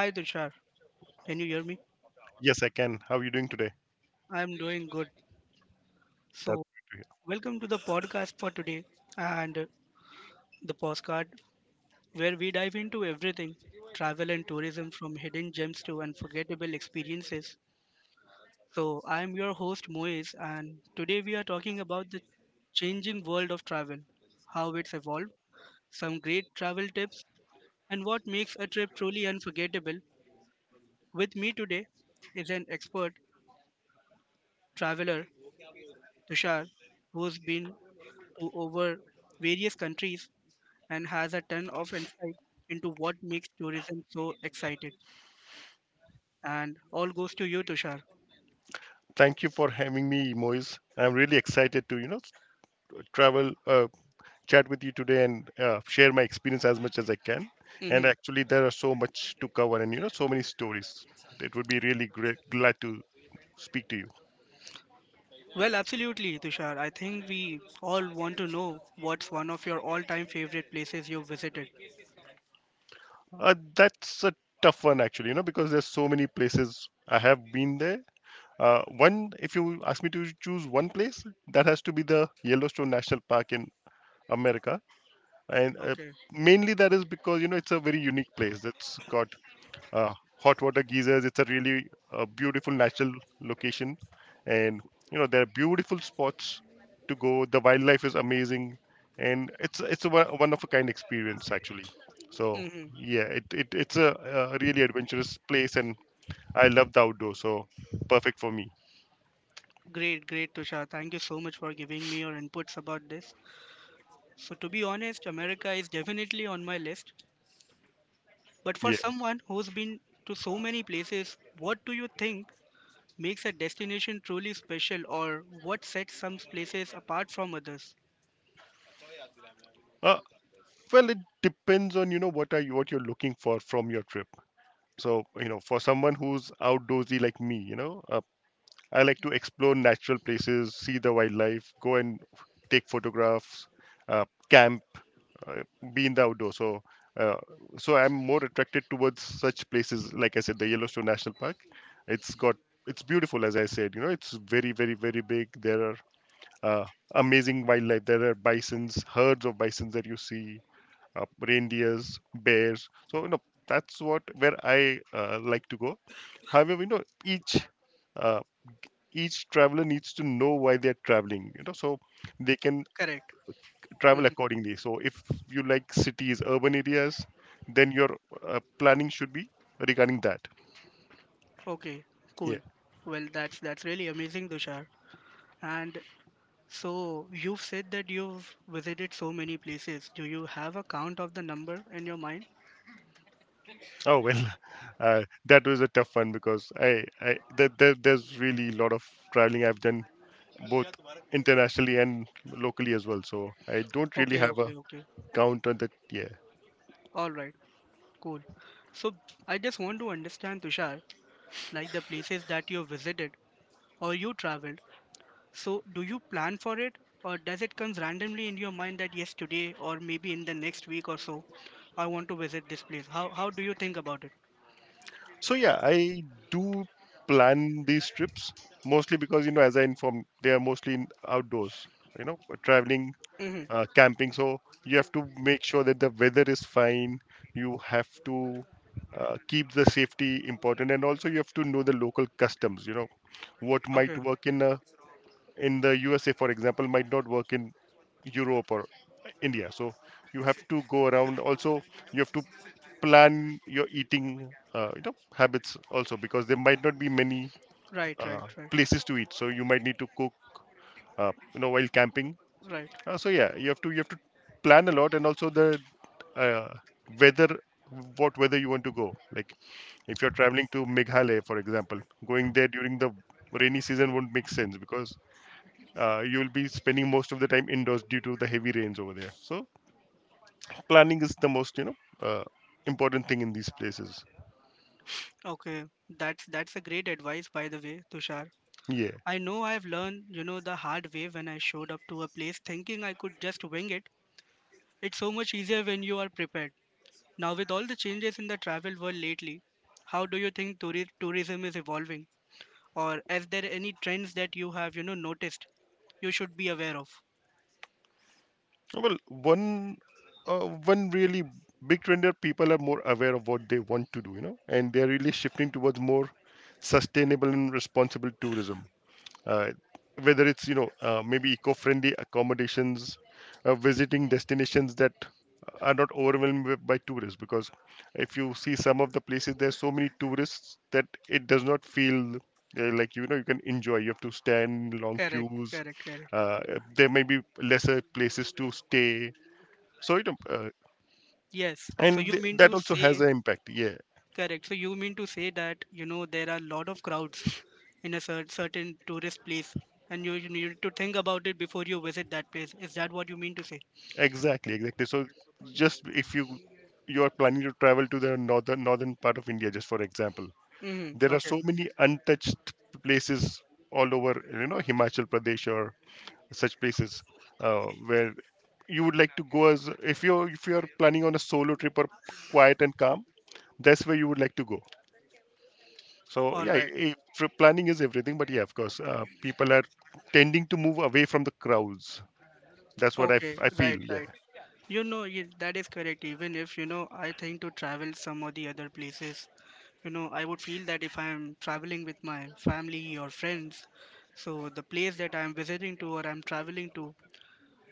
Hi Tushar, can you hear me? Yes, I can. How are you doing today? I am doing good. That's So, good to Welcome to the podcast for today and the postcard where we dive into everything travel and tourism, from hidden gems to unforgettable experiences. So, I am your host Moiz, and today we are talking about the changing world of travel, how it's evolved, some great travel tips, and what makes a trip truly unforgettable. With me today is an expert traveler, Tushar, who's been to over various countries and has a ton of insight into what makes tourism so excited. And all goes to you, Tushar. hear. Thank you for having me, Moise. I'm really excited to, you know, travel, uh, chat with you today and share my experience as much as I can. And Hmm. actually, there are so much to cover and, you know, so many stories. It would be really great, glad to speak to you. Well, absolutely, Tushar. I think we all want to know what's one of your all-time favorite places you visited. That's a tough one, actually, you know, because there's so many places I have been there. One, if you ask me to choose one place, that has to be the Yellowstone National Park in America and Okay. mainly that is because you know it's a very unique place. It's got hot water geysers. It's a really beautiful natural location, and you know there are beautiful spots to go. The wildlife is amazing, and it's a one of a kind experience actually. So Hmm. yeah, it's a, really adventurous place, and I love the outdoors, so perfect for me. Great, great, Tushar. Thank you so much for giving me your inputs about this. So, to be honest, America is definitely on my list. But for Yeah. someone who's been to so many places, what do you think makes a destination truly special, or what sets some places apart from others? uh, well, it depends on you know what you're looking for from your trip. So you know, for someone who's outdoorsy like me, you know, I like to explore natural places, see the wildlife, take photographs, uh, camp, uh, be in the outdoors. So uh, so I'm more attracted towards such places. Like I said, the Yellowstone National Park, it's got, it's beautiful. As I said, you know, it's very very very big. There are uh, amazing wildlife. There are bisons, herds of bisons that you see, reindeers, bears. So you know that's what, where I like to go. However, you know, uh, each traveler needs to know why they're traveling. You know, so they can Correct. Mhm. travel accordingly. So if you like cities, urban areas, then your planning should be regarding that. Okay, cool. Yeah. Well, that's really amazing, Dushar. And so you've said that you've visited so many places. Do you have a count of the number in your mind? Oh well, that was a tough one because there's really a lot of traveling I've done, both internationally and locally as well. So I don't really Okay, have a okay, okay. count on the. Yeah, All right, cool. So I just want to understand, Tushar, like the places that you visited or you traveled, so do you plan for it, or does it comes randomly in your mind that yes, today or maybe in the next week or so, I want to visit this place? How do you think about it? so yeah, I do plan these trips, mostly because you know, as I informed, they are mostly in outdoors, you know, traveling, Mm-hmm. Camping. So you have to make sure that the weather is fine. You have to keep the safety important, and also you have to know the local customs, you know. What might Okay. work in a in the USA, for example, might not work in Europe or India. So you have to go around. Also, you have to plan your eating, you know, habits also because there might not be many Right, right, right, places to eat. So you might need to cook, you know, while camping. right. So yeah, you have to plan a lot, and also the uh, weather, what weather you want to go. Like if you're traveling to Meghalaya, for example, going there during the rainy season won't make sense because you will be spending most of the time indoors due to the heavy rains over there. So planning is the most, you know, uh, important thing in these places. Okay. That's a great advice, by the way, Tushar. Yeah. I know I've learned, the hard way, when I showed up to a place thinking I could just wing it. It's so much easier when you are prepared. Now, with all the changes in the travel world lately, how do you think tourism is evolving? Or is there any trends that you have noticed you should be aware of? Well, one really big trend that people are more aware of what they want to do, you know, and they're really shifting towards more sustainable and responsible tourism. uh, Whether it's, you know, maybe eco-friendly accommodations, visiting destinations that are not by tourists, because if you see some of the places, there's so many tourists that it does not feel like, you know, you can enjoy. You have to stand in long Correct, queues, correct, correct. uh, there may be lesser places to stay. So you know, Yes, so you mean that to also has say. an impact. Yeah, Correct, so you mean to say that you know there are a lot of crowds in a certain tourist place, and you need to think about it before you visit that place. Is that what you mean to say? exactly, exactly. So just if you, you are planning to travel to the northern part of India, just for example. Mm-hmm. There are Okay. so many untouched places all over, you know, Himachal Pradesh or such places, where you would like to go. As if you, if you are planning on a solo trip or quiet and calm, that's where you would like to go. So All yeah, right. Planning is everything, but yeah, of course, people are tending to move away from the crowds. That's what I, Okay, I feel. right, Yeah, right. You know, that is correct. Even if, you know, I think to travel some of the other places, you know, I would feel that if I'm traveling with my family or friends, so the place that I'm visiting to or I'm traveling to,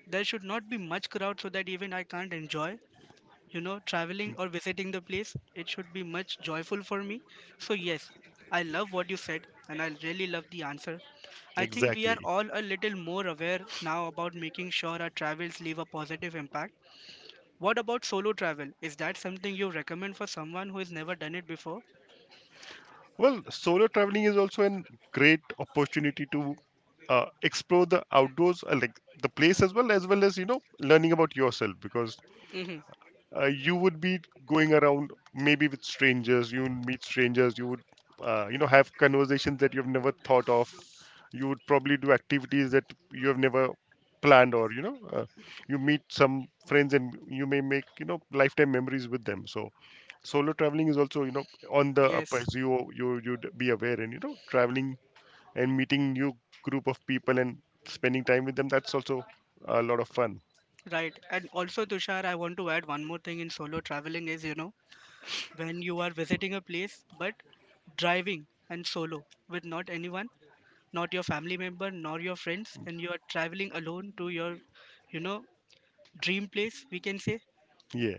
there should not be much crowd so that even I can't enjoy, you know, traveling or visiting the place. It should be much joyful for me. So yes, I love what you said, and I really love the answer. I think we are exactly. all a little more aware now about making sure our travels leave a positive impact. What about solo travel? Is that something you recommend for someone who has never done it before? Well, solo traveling is also a great opportunity to explore the outdoors, like the place, as well as well as you know, learning about yourself, because Mm-hmm. You would be going around maybe with strangers. You would meet strangers. You would you know, have conversations that you've never thought of. You would probably do activities that you have never planned, or you know, you meet some friends and you may make, you know, lifetime memories with them. So solo traveling is also, you know, on the up. Yes, As you, you'd be aware and you know, traveling and meeting new group of people and spending time with them, that's also a lot of fun. right. And also, Tushar, I want to add one more thing in solo traveling is, you know, when you are visiting a place but driving and solo with not anyone, not your family member nor your friends, and you are traveling alone to your, you know, dream place we can say. Yeah.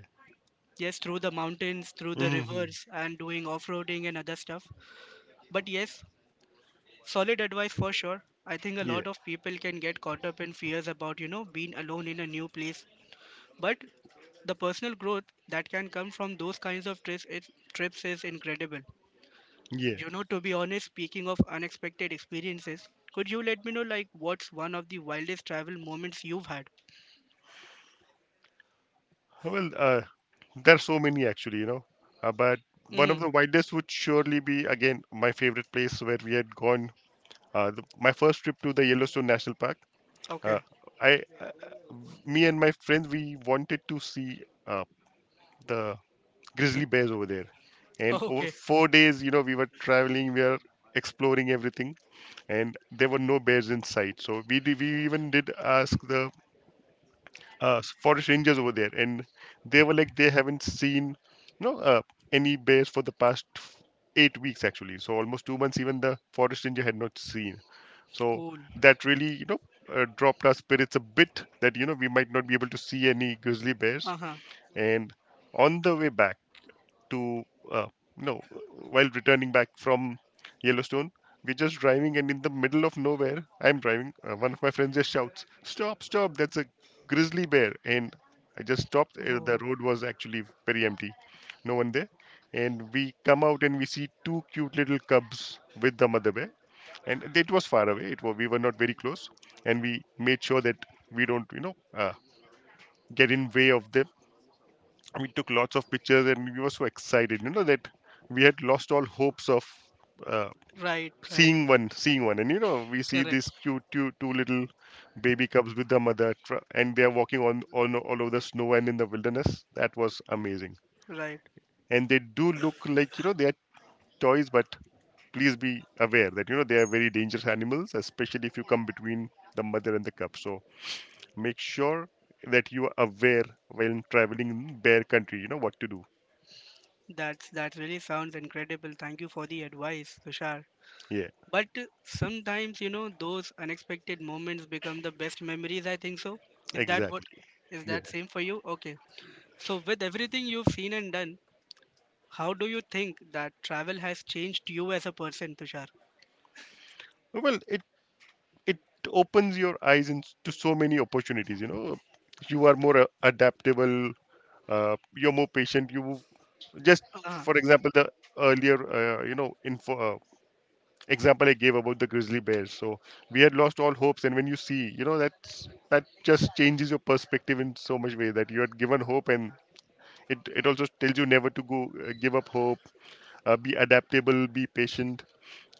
Yes, through the mountains, through the Hmm. rivers, and doing off-roading and other stuff. But yes, solid advice for sure. I think a Yeah, lot of people can get caught up in fears about, you know, being alone in a new place, but the personal growth that can come from those kinds of trips is incredible. yeah. You know, to be honest, speaking of unexpected experiences, could you let me know, like, what's one of the wildest travel moments you've had? Well, there are so many actually, you know. But one Hmm. of the widest would surely be again my favorite place where we had gone. My first trip to the Yellowstone National Park. Uh, Okay. I, uh, Me and my friends, we wanted to see the grizzly bears over there. And over Okay. 4 days, you know, we were traveling, we were exploring everything, and there were no bears in sight. So we even did ask the forest rangers over there, and they were like they haven't seen no any bears for the past 8 weeks actually. So almost 2 months, even the forest ranger had not seen. So Cool. that really, you know, dropped our spirits a bit, that you know we might not be able to see any grizzly bears. Uh-huh. And on the way back, to uh, no while returning back from Yellowstone. We're just driving, and in the middle of nowhere, I'm driving. One of my friends just shouts, "Stop! Stop! That's a grizzly bear!" And I just stopped. The Oh, road was actually very empty, no one there. And we come out and we see two cute little cubs with the mother bear. And it was far away. We were not very close, and we made sure that we don't, you know, get in way of them. We took lots of pictures and we were so excited, you know, that we had lost all hopes of uh, right, right. Seeing one. And you know, we see these Correct. cute two little baby cubs with their mother, and they are walking on all over the snow and in the wilderness. That was amazing. Right. And they do look like, you know, they are toys, but please be aware that you know, they are very dangerous animals, especially if you come between the mother and the cub. So make sure that you are aware when traveling in bear country, you know what to do. That's that really sounds incredible. Thank you for the advice, Tushar. Yeah, But sometimes, you know, those unexpected moments become the best memories, I think so. Is that what, exactly. is Yeah. that same for you? Okay. So with everything you've seen and done, how do you think that travel has changed you as a person, Tushar? Well, it opens your eyes in, to so many opportunities. You know, you are more adaptable. You're more patient. You just, Ah, for example, the earlier you know info example I gave about the grizzly bears. So we had lost all hopes, and when you see, you know, that's, that just changes your perspective in so much way that you had given hope, and it also tells you never to go give up hope. Be adaptable. Be patient.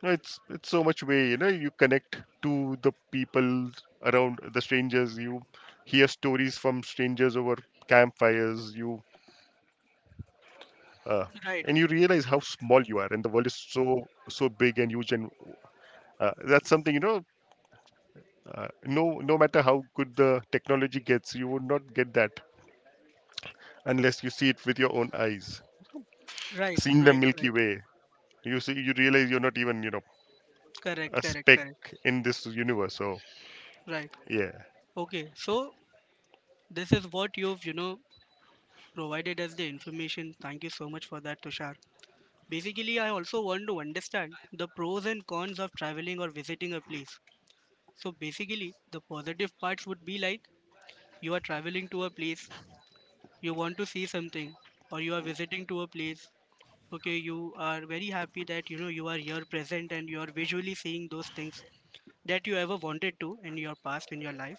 No, it's so much way, you know, you connect to the people around, the strangers. You hear stories from strangers over campfires. You uh, and you realize how small right, you are, and the world is so big and huge. And that's something, you know. No, no matter how good the technology gets, you would not get that unless you see it with your own eyes. right, Seeing the right, Milky right. Way, you see, you realize you're not even, you know, Correct, a correct, speck correct. in this universe. So Right. yeah. Okay, so this is what you've, you know, provided us the information. Thank you so much for that, Tushar. Basically, I also want to understand the pros and cons of traveling or visiting a place. So basically, the positive parts would be like you are traveling to a place, you want to see something, or you are visiting to a place, okay, you are very happy that you know you are here present and you are visually seeing those things that you ever wanted to in your past in your life.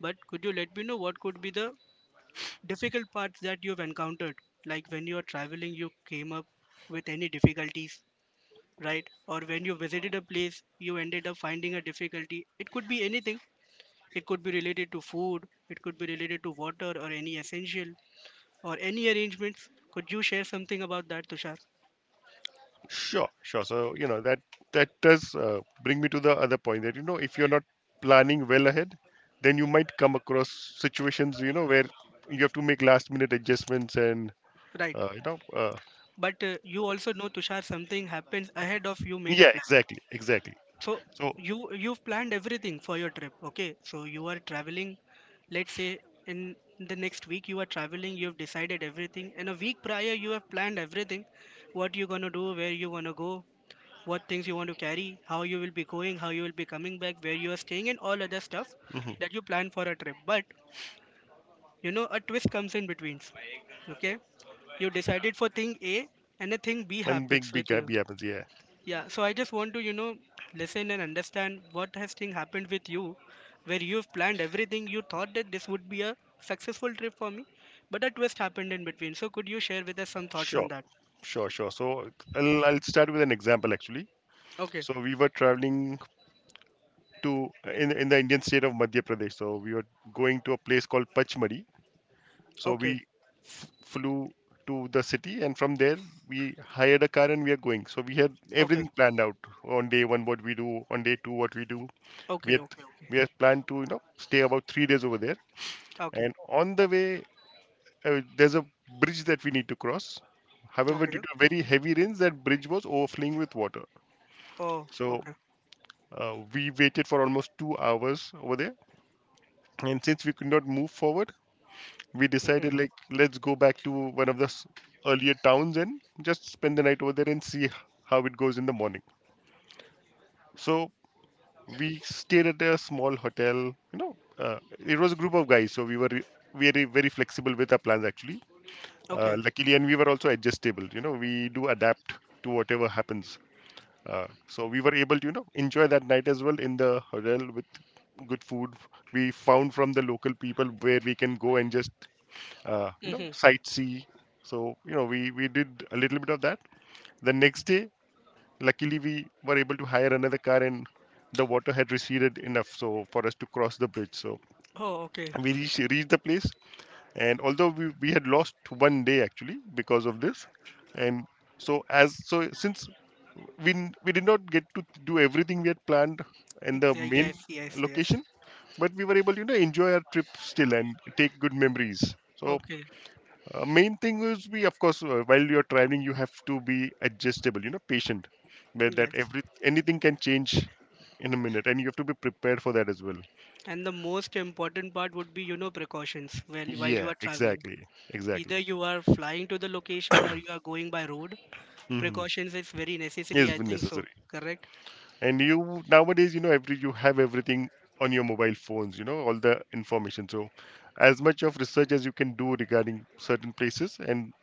But could you let me know what could be the difficult parts that you've encountered, like when you are traveling you came up with any difficulties, right? Or when you visited a place you ended up finding a difficulty, it could be anything. It could be related to food, it could be related to water or any essential, or any arrangements. Could you share something about that, Tushar? Sure, sure. So, you know, that does bring me to the other point that, you know, if you're not planning well ahead, then you might come across situations, you know, where you have to make last minute adjustments, and, Right, uh, you know, uh, but you also know, Tushar, something happens ahead of you made a yeah, plan. exactly, exactly. So So, you, you've planned everything for your trip, okay, so you are traveling, let's say in the next week you are traveling, you've decided everything and a week prior you have planned everything, what you're going to do, where you want to go, what things you want to carry, how you will be going, how you will be coming back, where you are staying, and all other stuff mhm. that you plan for a trip. But you know, a twist comes in between, okay? You decided for thing A and the thing B And happens big with gap you. happens. Yeah, Yeah, so I just want to, you know, listen and understand what has thing happened with you, where you've planned everything. You thought that this would be a successful trip for me, but a twist happened in between. So could you share with us some thoughts sure, on that? sure, sure. So I'll start with an example actually. Okay, So we were traveling to in the Indian state of Madhya Pradesh. So we were going to a place called Pachmadi. So okay, we flew to the city, and from there we hired a car and we are going. So we had okay, everything planned out. On day one, what we do, on day two, what we do. We okay, had okay, okay, we had planned to stay about 3 days over there, okay, and on the way there's a bridge that we need to cross. However, due okay. to very heavy rains, that bridge was overflowing with water. Oh, So okay. uh, we waited for almost 2 hours over there, and since we could not move forward, we Mm-hmm. decided like let's go back to one of the earlier towns and just spend the night over there and see how it goes in the morning. So we stayed at a small hotel. It was a group of guys, so we were very very flexible with our plans actually, Okay. luckily, and we were also adjustable. We do adapt to whatever happens. So we were able to enjoy that night as well in the hotel with good food. We found from the local people where we can go and just Mm-hmm. sightsee. So we did a little bit of that. The next day, luckily, we were able to hire another car and the water had receded enough so for us to cross the bridge. So Oh, okay. we reached the place. And although we had lost one day actually because of this, and so as so since we did not get to do everything we had planned in the main Yes, yes, yes. location, but we were able to enjoy our trip still and take good memories. So Okay. Main thing is we, of course, while you're traveling, you have to be adjustable. You know, patient, where that Yes. every anything can change in a minute, and you have to be prepared for that as well. And the most important part would be, you know, precautions while you Yeah, are traveling. exactly, exactly. Either you are flying to the location or you are going by road. Mm-hmm. Precautions is very necessary, I Is think so. necessary. Correct? And you Nowadays, you know, every you have everything on your mobile phones. You know, all the information. So, as much of research as you can do regarding certain places and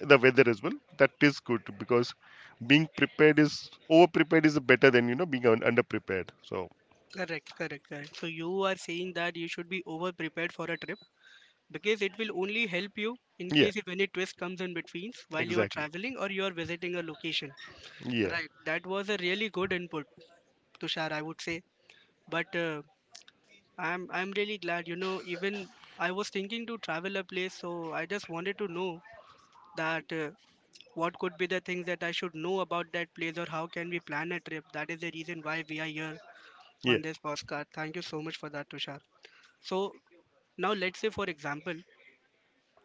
the weather as well, that is good because being prepared is over prepared is better than being under prepared. So. Correct, correct, correct. So you are saying that you should be over prepared for a trip because it will only help you in Yeah, case if any twist comes in between while you are exactly. traveling or you are visiting a location. Yeah, Right. That was a really good input, Tushar, I would say. But I'm really glad, you know. Even I was thinking to travel a place, so I just wanted to know that what could be the things that I should know about that place, or how can we plan a trip? That is the reason why we are here yeah, on this postcard. Thank you so much for that, Tushar. So, now let's say, for example,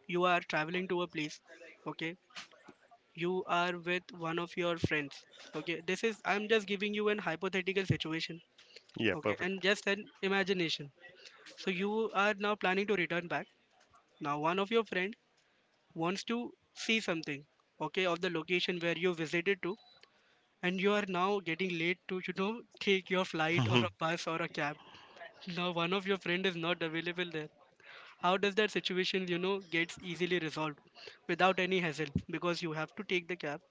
you are traveling to a place, okay? You are with one of your friends, okay? This is, I'm just giving you an hypothetical situation, yeah, okay? perfect. And just an imagination. So, you are now planning to return back. Now, one of your friend wants to see something, okay, of the location where you visited to, and you are now getting late to, you know, take your flight or Mhm. a bus or a cab. Now one of your friend is not available there. How does that situation, you know, gets easily resolved without any hassle, because you have to take the cab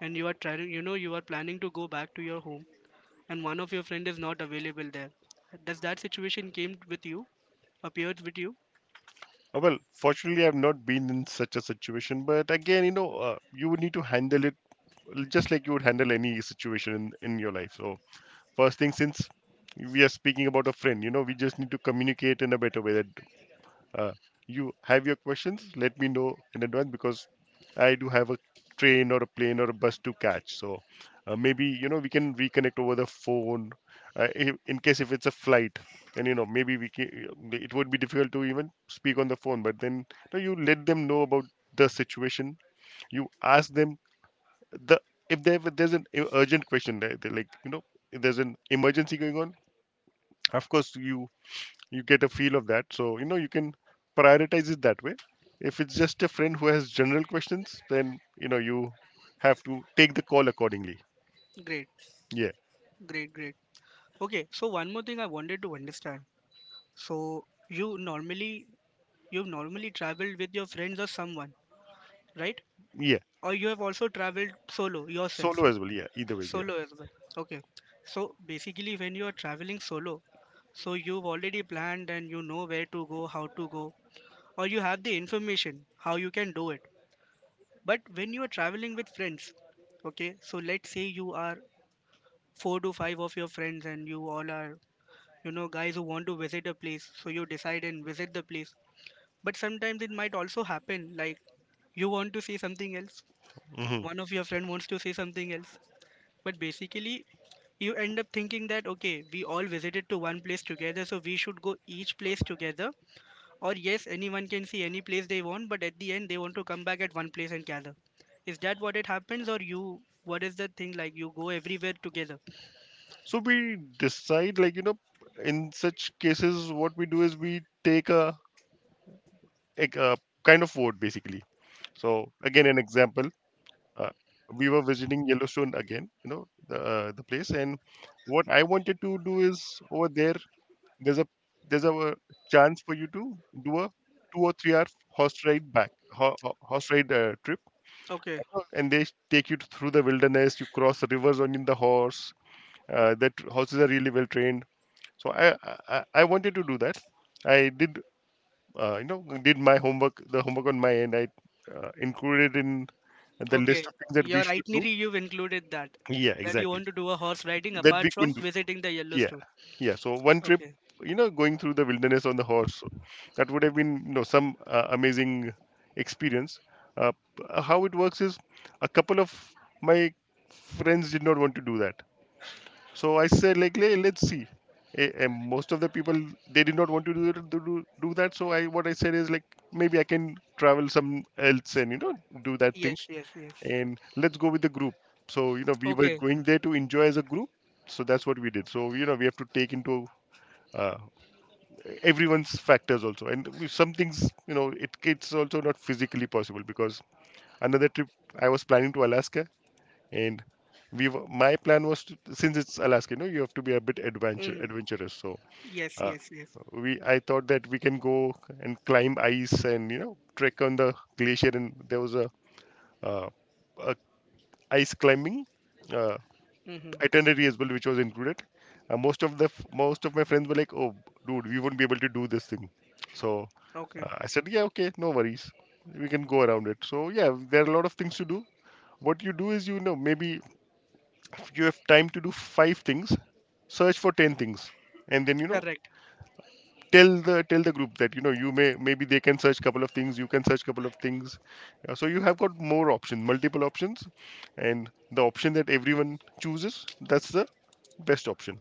and you are trying, you know, you are planning to go back to your home, and one of your friend is not available there. Does that situation came with you, appeared with you? Well, fortunately, I've not been in such a situation, but again, you know, you would need to handle it just like you would handle any situation in your life. So, first thing, since we are speaking about a friend, you know, we just need to communicate in a better way that Uh, you have your questions, let me know in advance because I do have a train or a plane or a bus to catch. So maybe we can reconnect over the phone, if, in case if it's a flight. And maybe we can, it would be difficult to even speak on the phone, but then you let them know about the situation. You ask them the if there if there's an urgent question, if there's an emergency going on. Of course you get a feel of that, so you know you can prioritize it that way. If it's just a friend who has general questions, then you know you have to take the call accordingly. Great, Yeah. great, great. Okay, so one more thing I wanted to understand. So you normally, you normally travelled with your friends or someone, right? Yeah, Or you have also traveled solo yourself, solo as well, yeah, either way, yeah. solo as well? Okay. So basically, when you are traveling solo, so you've already planned and you know where to go, how to go, or you have the information how you can do it. But when you are traveling with friends, okay, so let's say you are four to five of your friends and you all are, you know, guys who want to visit a place, so you decide and visit the place. But sometimes it might also happen like you want to see something else, Hmm. one of your friend wants to see something else. But basically, you end up thinking that okay, we all visited to one place together, so we should go each place together. Or yes, anyone can see any place they want, but at the end they want to come back at one place and gather. Is that what it happens, or you? What is the thing like? You go everywhere together. So we decide like you know in such cases what we do is we take a kind of vote basically. So again, an example. uh, we were visiting Yellowstone again, you know, the place. And what I wanted to do is over there, there's a there's a chance for you to do a 2 or 3 hour horse ride trip. Okay, And they take you through the wilderness. You cross the rivers on in the horse. That horses are really well trained. So I wanted to do that. I did you know did my homework the homework on my end. I included in the list okay. of things that we Your should do. itinerary, you've included that, Yeah, that you exactly. want to do a horse riding That we apart could. from visiting the Yeah, Yellowstone. yeah. So one trip, Okay. you know, going through the wilderness on the horse, that would have been, you know, some amazing experience. How it works is, a couple of my friends did not want to do that, so I said like, "Hey, let's see." And most of the people, they did not want to do that. So I what I said is like, maybe I can travel some else and you know do that thing, Yes, yes, yes. and let's go with the group. So you know, we were Okay. going there to enjoy as a group, so that's what we did. So you know, we have to take into uh, everyone's factors also. And some things, you know, it's also not physically possible because another trip I was planning to Alaska. And my plan was to, since it's Alaska, you know, you have to be a bit adventure Mm-hmm. adventurous. So Yes, uh, yes, yes. we I thought that we can go and climb ice and you know trek on the glacier, and there was uh, a ice climbing uh, Mm-hmm. itinerary as well, which was included. Most of most of my friends were like, "Oh, dude, we won't be able to do this thing." So Okay. I said, "Yeah, okay, no worries. We can go around it." So yeah, there are a lot of things to do. What you do is you know maybe if you have time to do 5 things, search for 10 things, and then you know Correct. tell the group that you know you may maybe they can search couple of things, you can search couple of things. So you have got more options, multiple options, and the option that everyone chooses, that's the best option.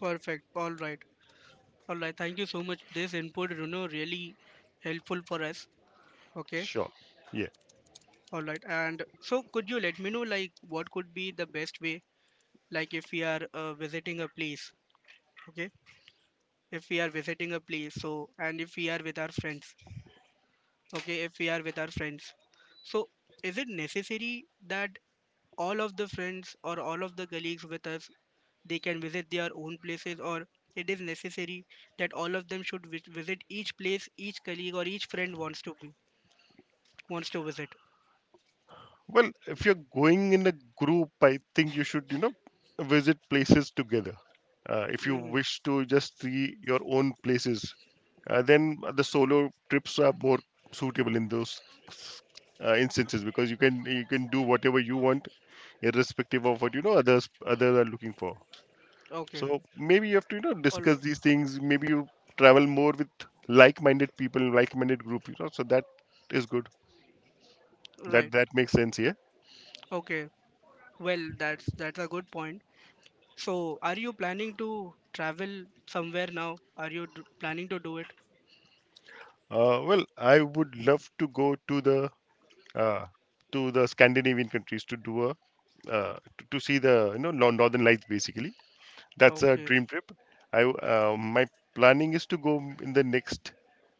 Perfect. All right. All right. Thank you so much. This input, you know, really helpful for us. Okay. Sure. Yeah. All right. And so, could you let me know, like, what could be the best way, like, if we are visiting a place? Okay. If we are visiting a place, so, and if we are with our friends. Okay. If we are with our friends. So, is it necessary that all of the friends or all of the colleagues with us, they can visit their own places, or it is necessary that all of them should visit each place each colleague or each friend wants to be wants to visit? Well, if you're going in a group, I think you should, you know, visit places together. If you Hmm. wish to just see your own places, then the solo trips are more suitable in those instances, because you can do whatever you want, irrespective of what you know others are looking for. Okay. So maybe you have to you know All discuss right. these things. Maybe you travel more with like-minded people, like-minded group. You know, so that is good. Right. That that makes sense. Here. Okay. Well, that's a good point. So are you planning to travel somewhere now? Are you planning to do it? Well, I would love to go to the uh, Scandinavian countries to do a to see the you know Northern Lights basically. That's a Okay. dream trip. My planning is to go in the next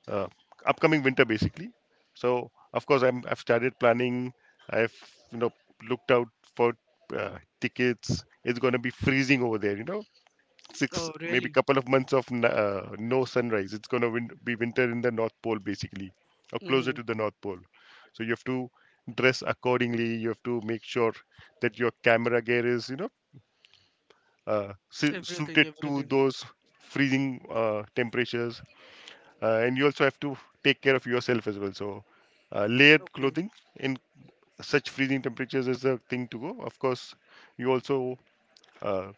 uh, upcoming winter basically. So of course I've started planning. I've you know looked out for tickets. It's gonna be freezing over there. You know, six Oh maybe really? couple of months of no sunrise. It's going to be winter in the north pole basically, or closer Mm-hmm. to the north pole. So you have to dress accordingly. You have to make sure that your camera gear is you know Everything, suited to everything. those freezing temperatures. And you also have to take care of yourself as well. So layered Okay. clothing in such freezing temperatures is a thing to go. Of course, you also uh,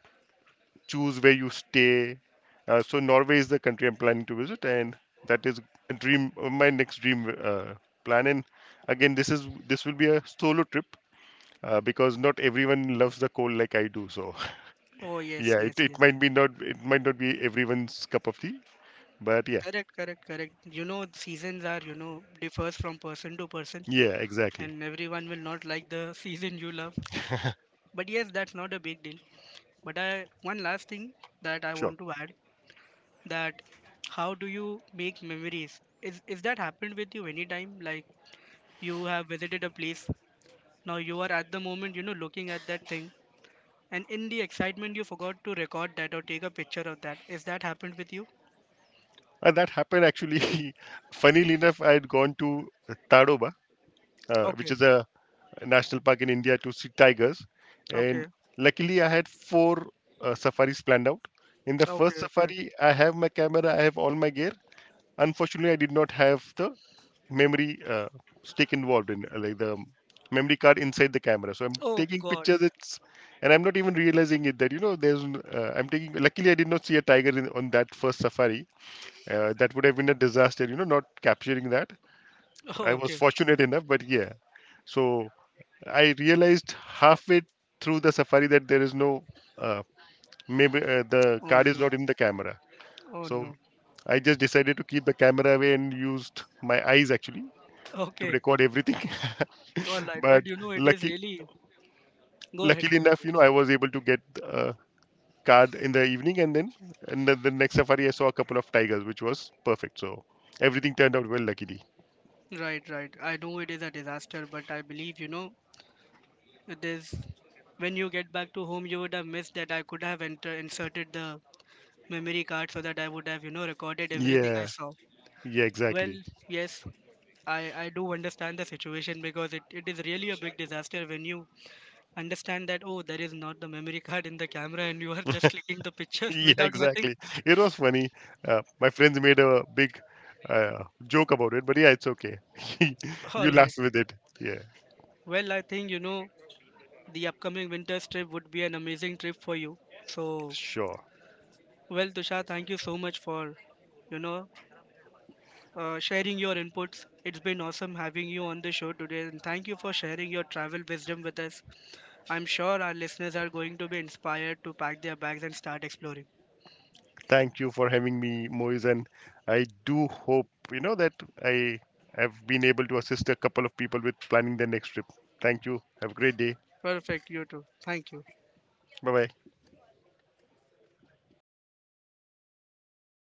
choose where you stay. So Norway is the country I'm planning to visit, and that is a dream, my next dream plan. And again, this will be a solo trip, because not everyone loves the cold like I do. So Oh yes, yeah, yes, it yes. might be not it might not be everyone's cup of tea, but yeah, Correct, correct, correct. You know, seasons are, you know, differs from person to person, yeah, exactly, and everyone will not like the season you love. But yes, that's not a big deal. But I, one last thing that I sure. want to add, that how do you make memories? Is that happened with you anytime? Like you have visited a place, now you are at the moment, you know, looking at that thing, and in the excitement you forgot to record that or take a picture of that. Is that happened with you? And that happened actually. Funnily enough, I had gone to Tadoba, which Okay, is a national park in India to see tigers. And okay, luckily, I had 4 safaris planned out. In the okay, first okay. safari, I have my camera, I have all my gear. Unfortunately, I did not have the memory stick involved in like the memory card inside the camera. So I'm Oh taking God. pictures. It's and I'm not even realizing it that you know I'm taking. Luckily, I did not see a tiger on that first safari. That would have been a disaster. You know, not capturing that. I was Okay. fortunate enough, but yeah. So I realized halfway through the safari that there is no uh, maybe the Oh card is no. not in the camera. Oh So no. I just decided to keep the camera away and used my eyes actually to Okay. record everything. All right. but But you know, it is lucky really. Go ahead. Luckily Go ahead. enough, you know, I Yes. was able to get a card in the evening, and then the next safari I saw a couple of tigers, which was perfect. So everything turned out well, luckily. Right, right. I know it is a disaster, but I believe, you know, it is. When you get back to home, you would have missed that I could have enter, inserted the memory card so that I would have, you know, recorded everything I Yeah, saw. yeah, Well, exactly. yes, I do understand the situation because it is really a big disaster when you understand that, oh, there is not the memory card in the camera and you are just clicking the pictures yeah, without nothing. exactly. It was funny. My friends made a big joke about it, but yeah, it's okay. All you laugh right. with it. Yeah, Well, I think, you know, the upcoming winter trip would be an amazing trip for you. So, sure. well, Tushar, thank you so much for, you know, sharing your inputs. It's been awesome having you on the show today, and thank you for sharing your travel wisdom with us. I'm sure our listeners are going to be inspired to pack their bags and start exploring. Thank you for having me, Moise, and I do hope you know that I have been able to assist a couple of people with planning their next trip. Thank you. Have a great day. Perfect, you too. Thank you. Bye bye.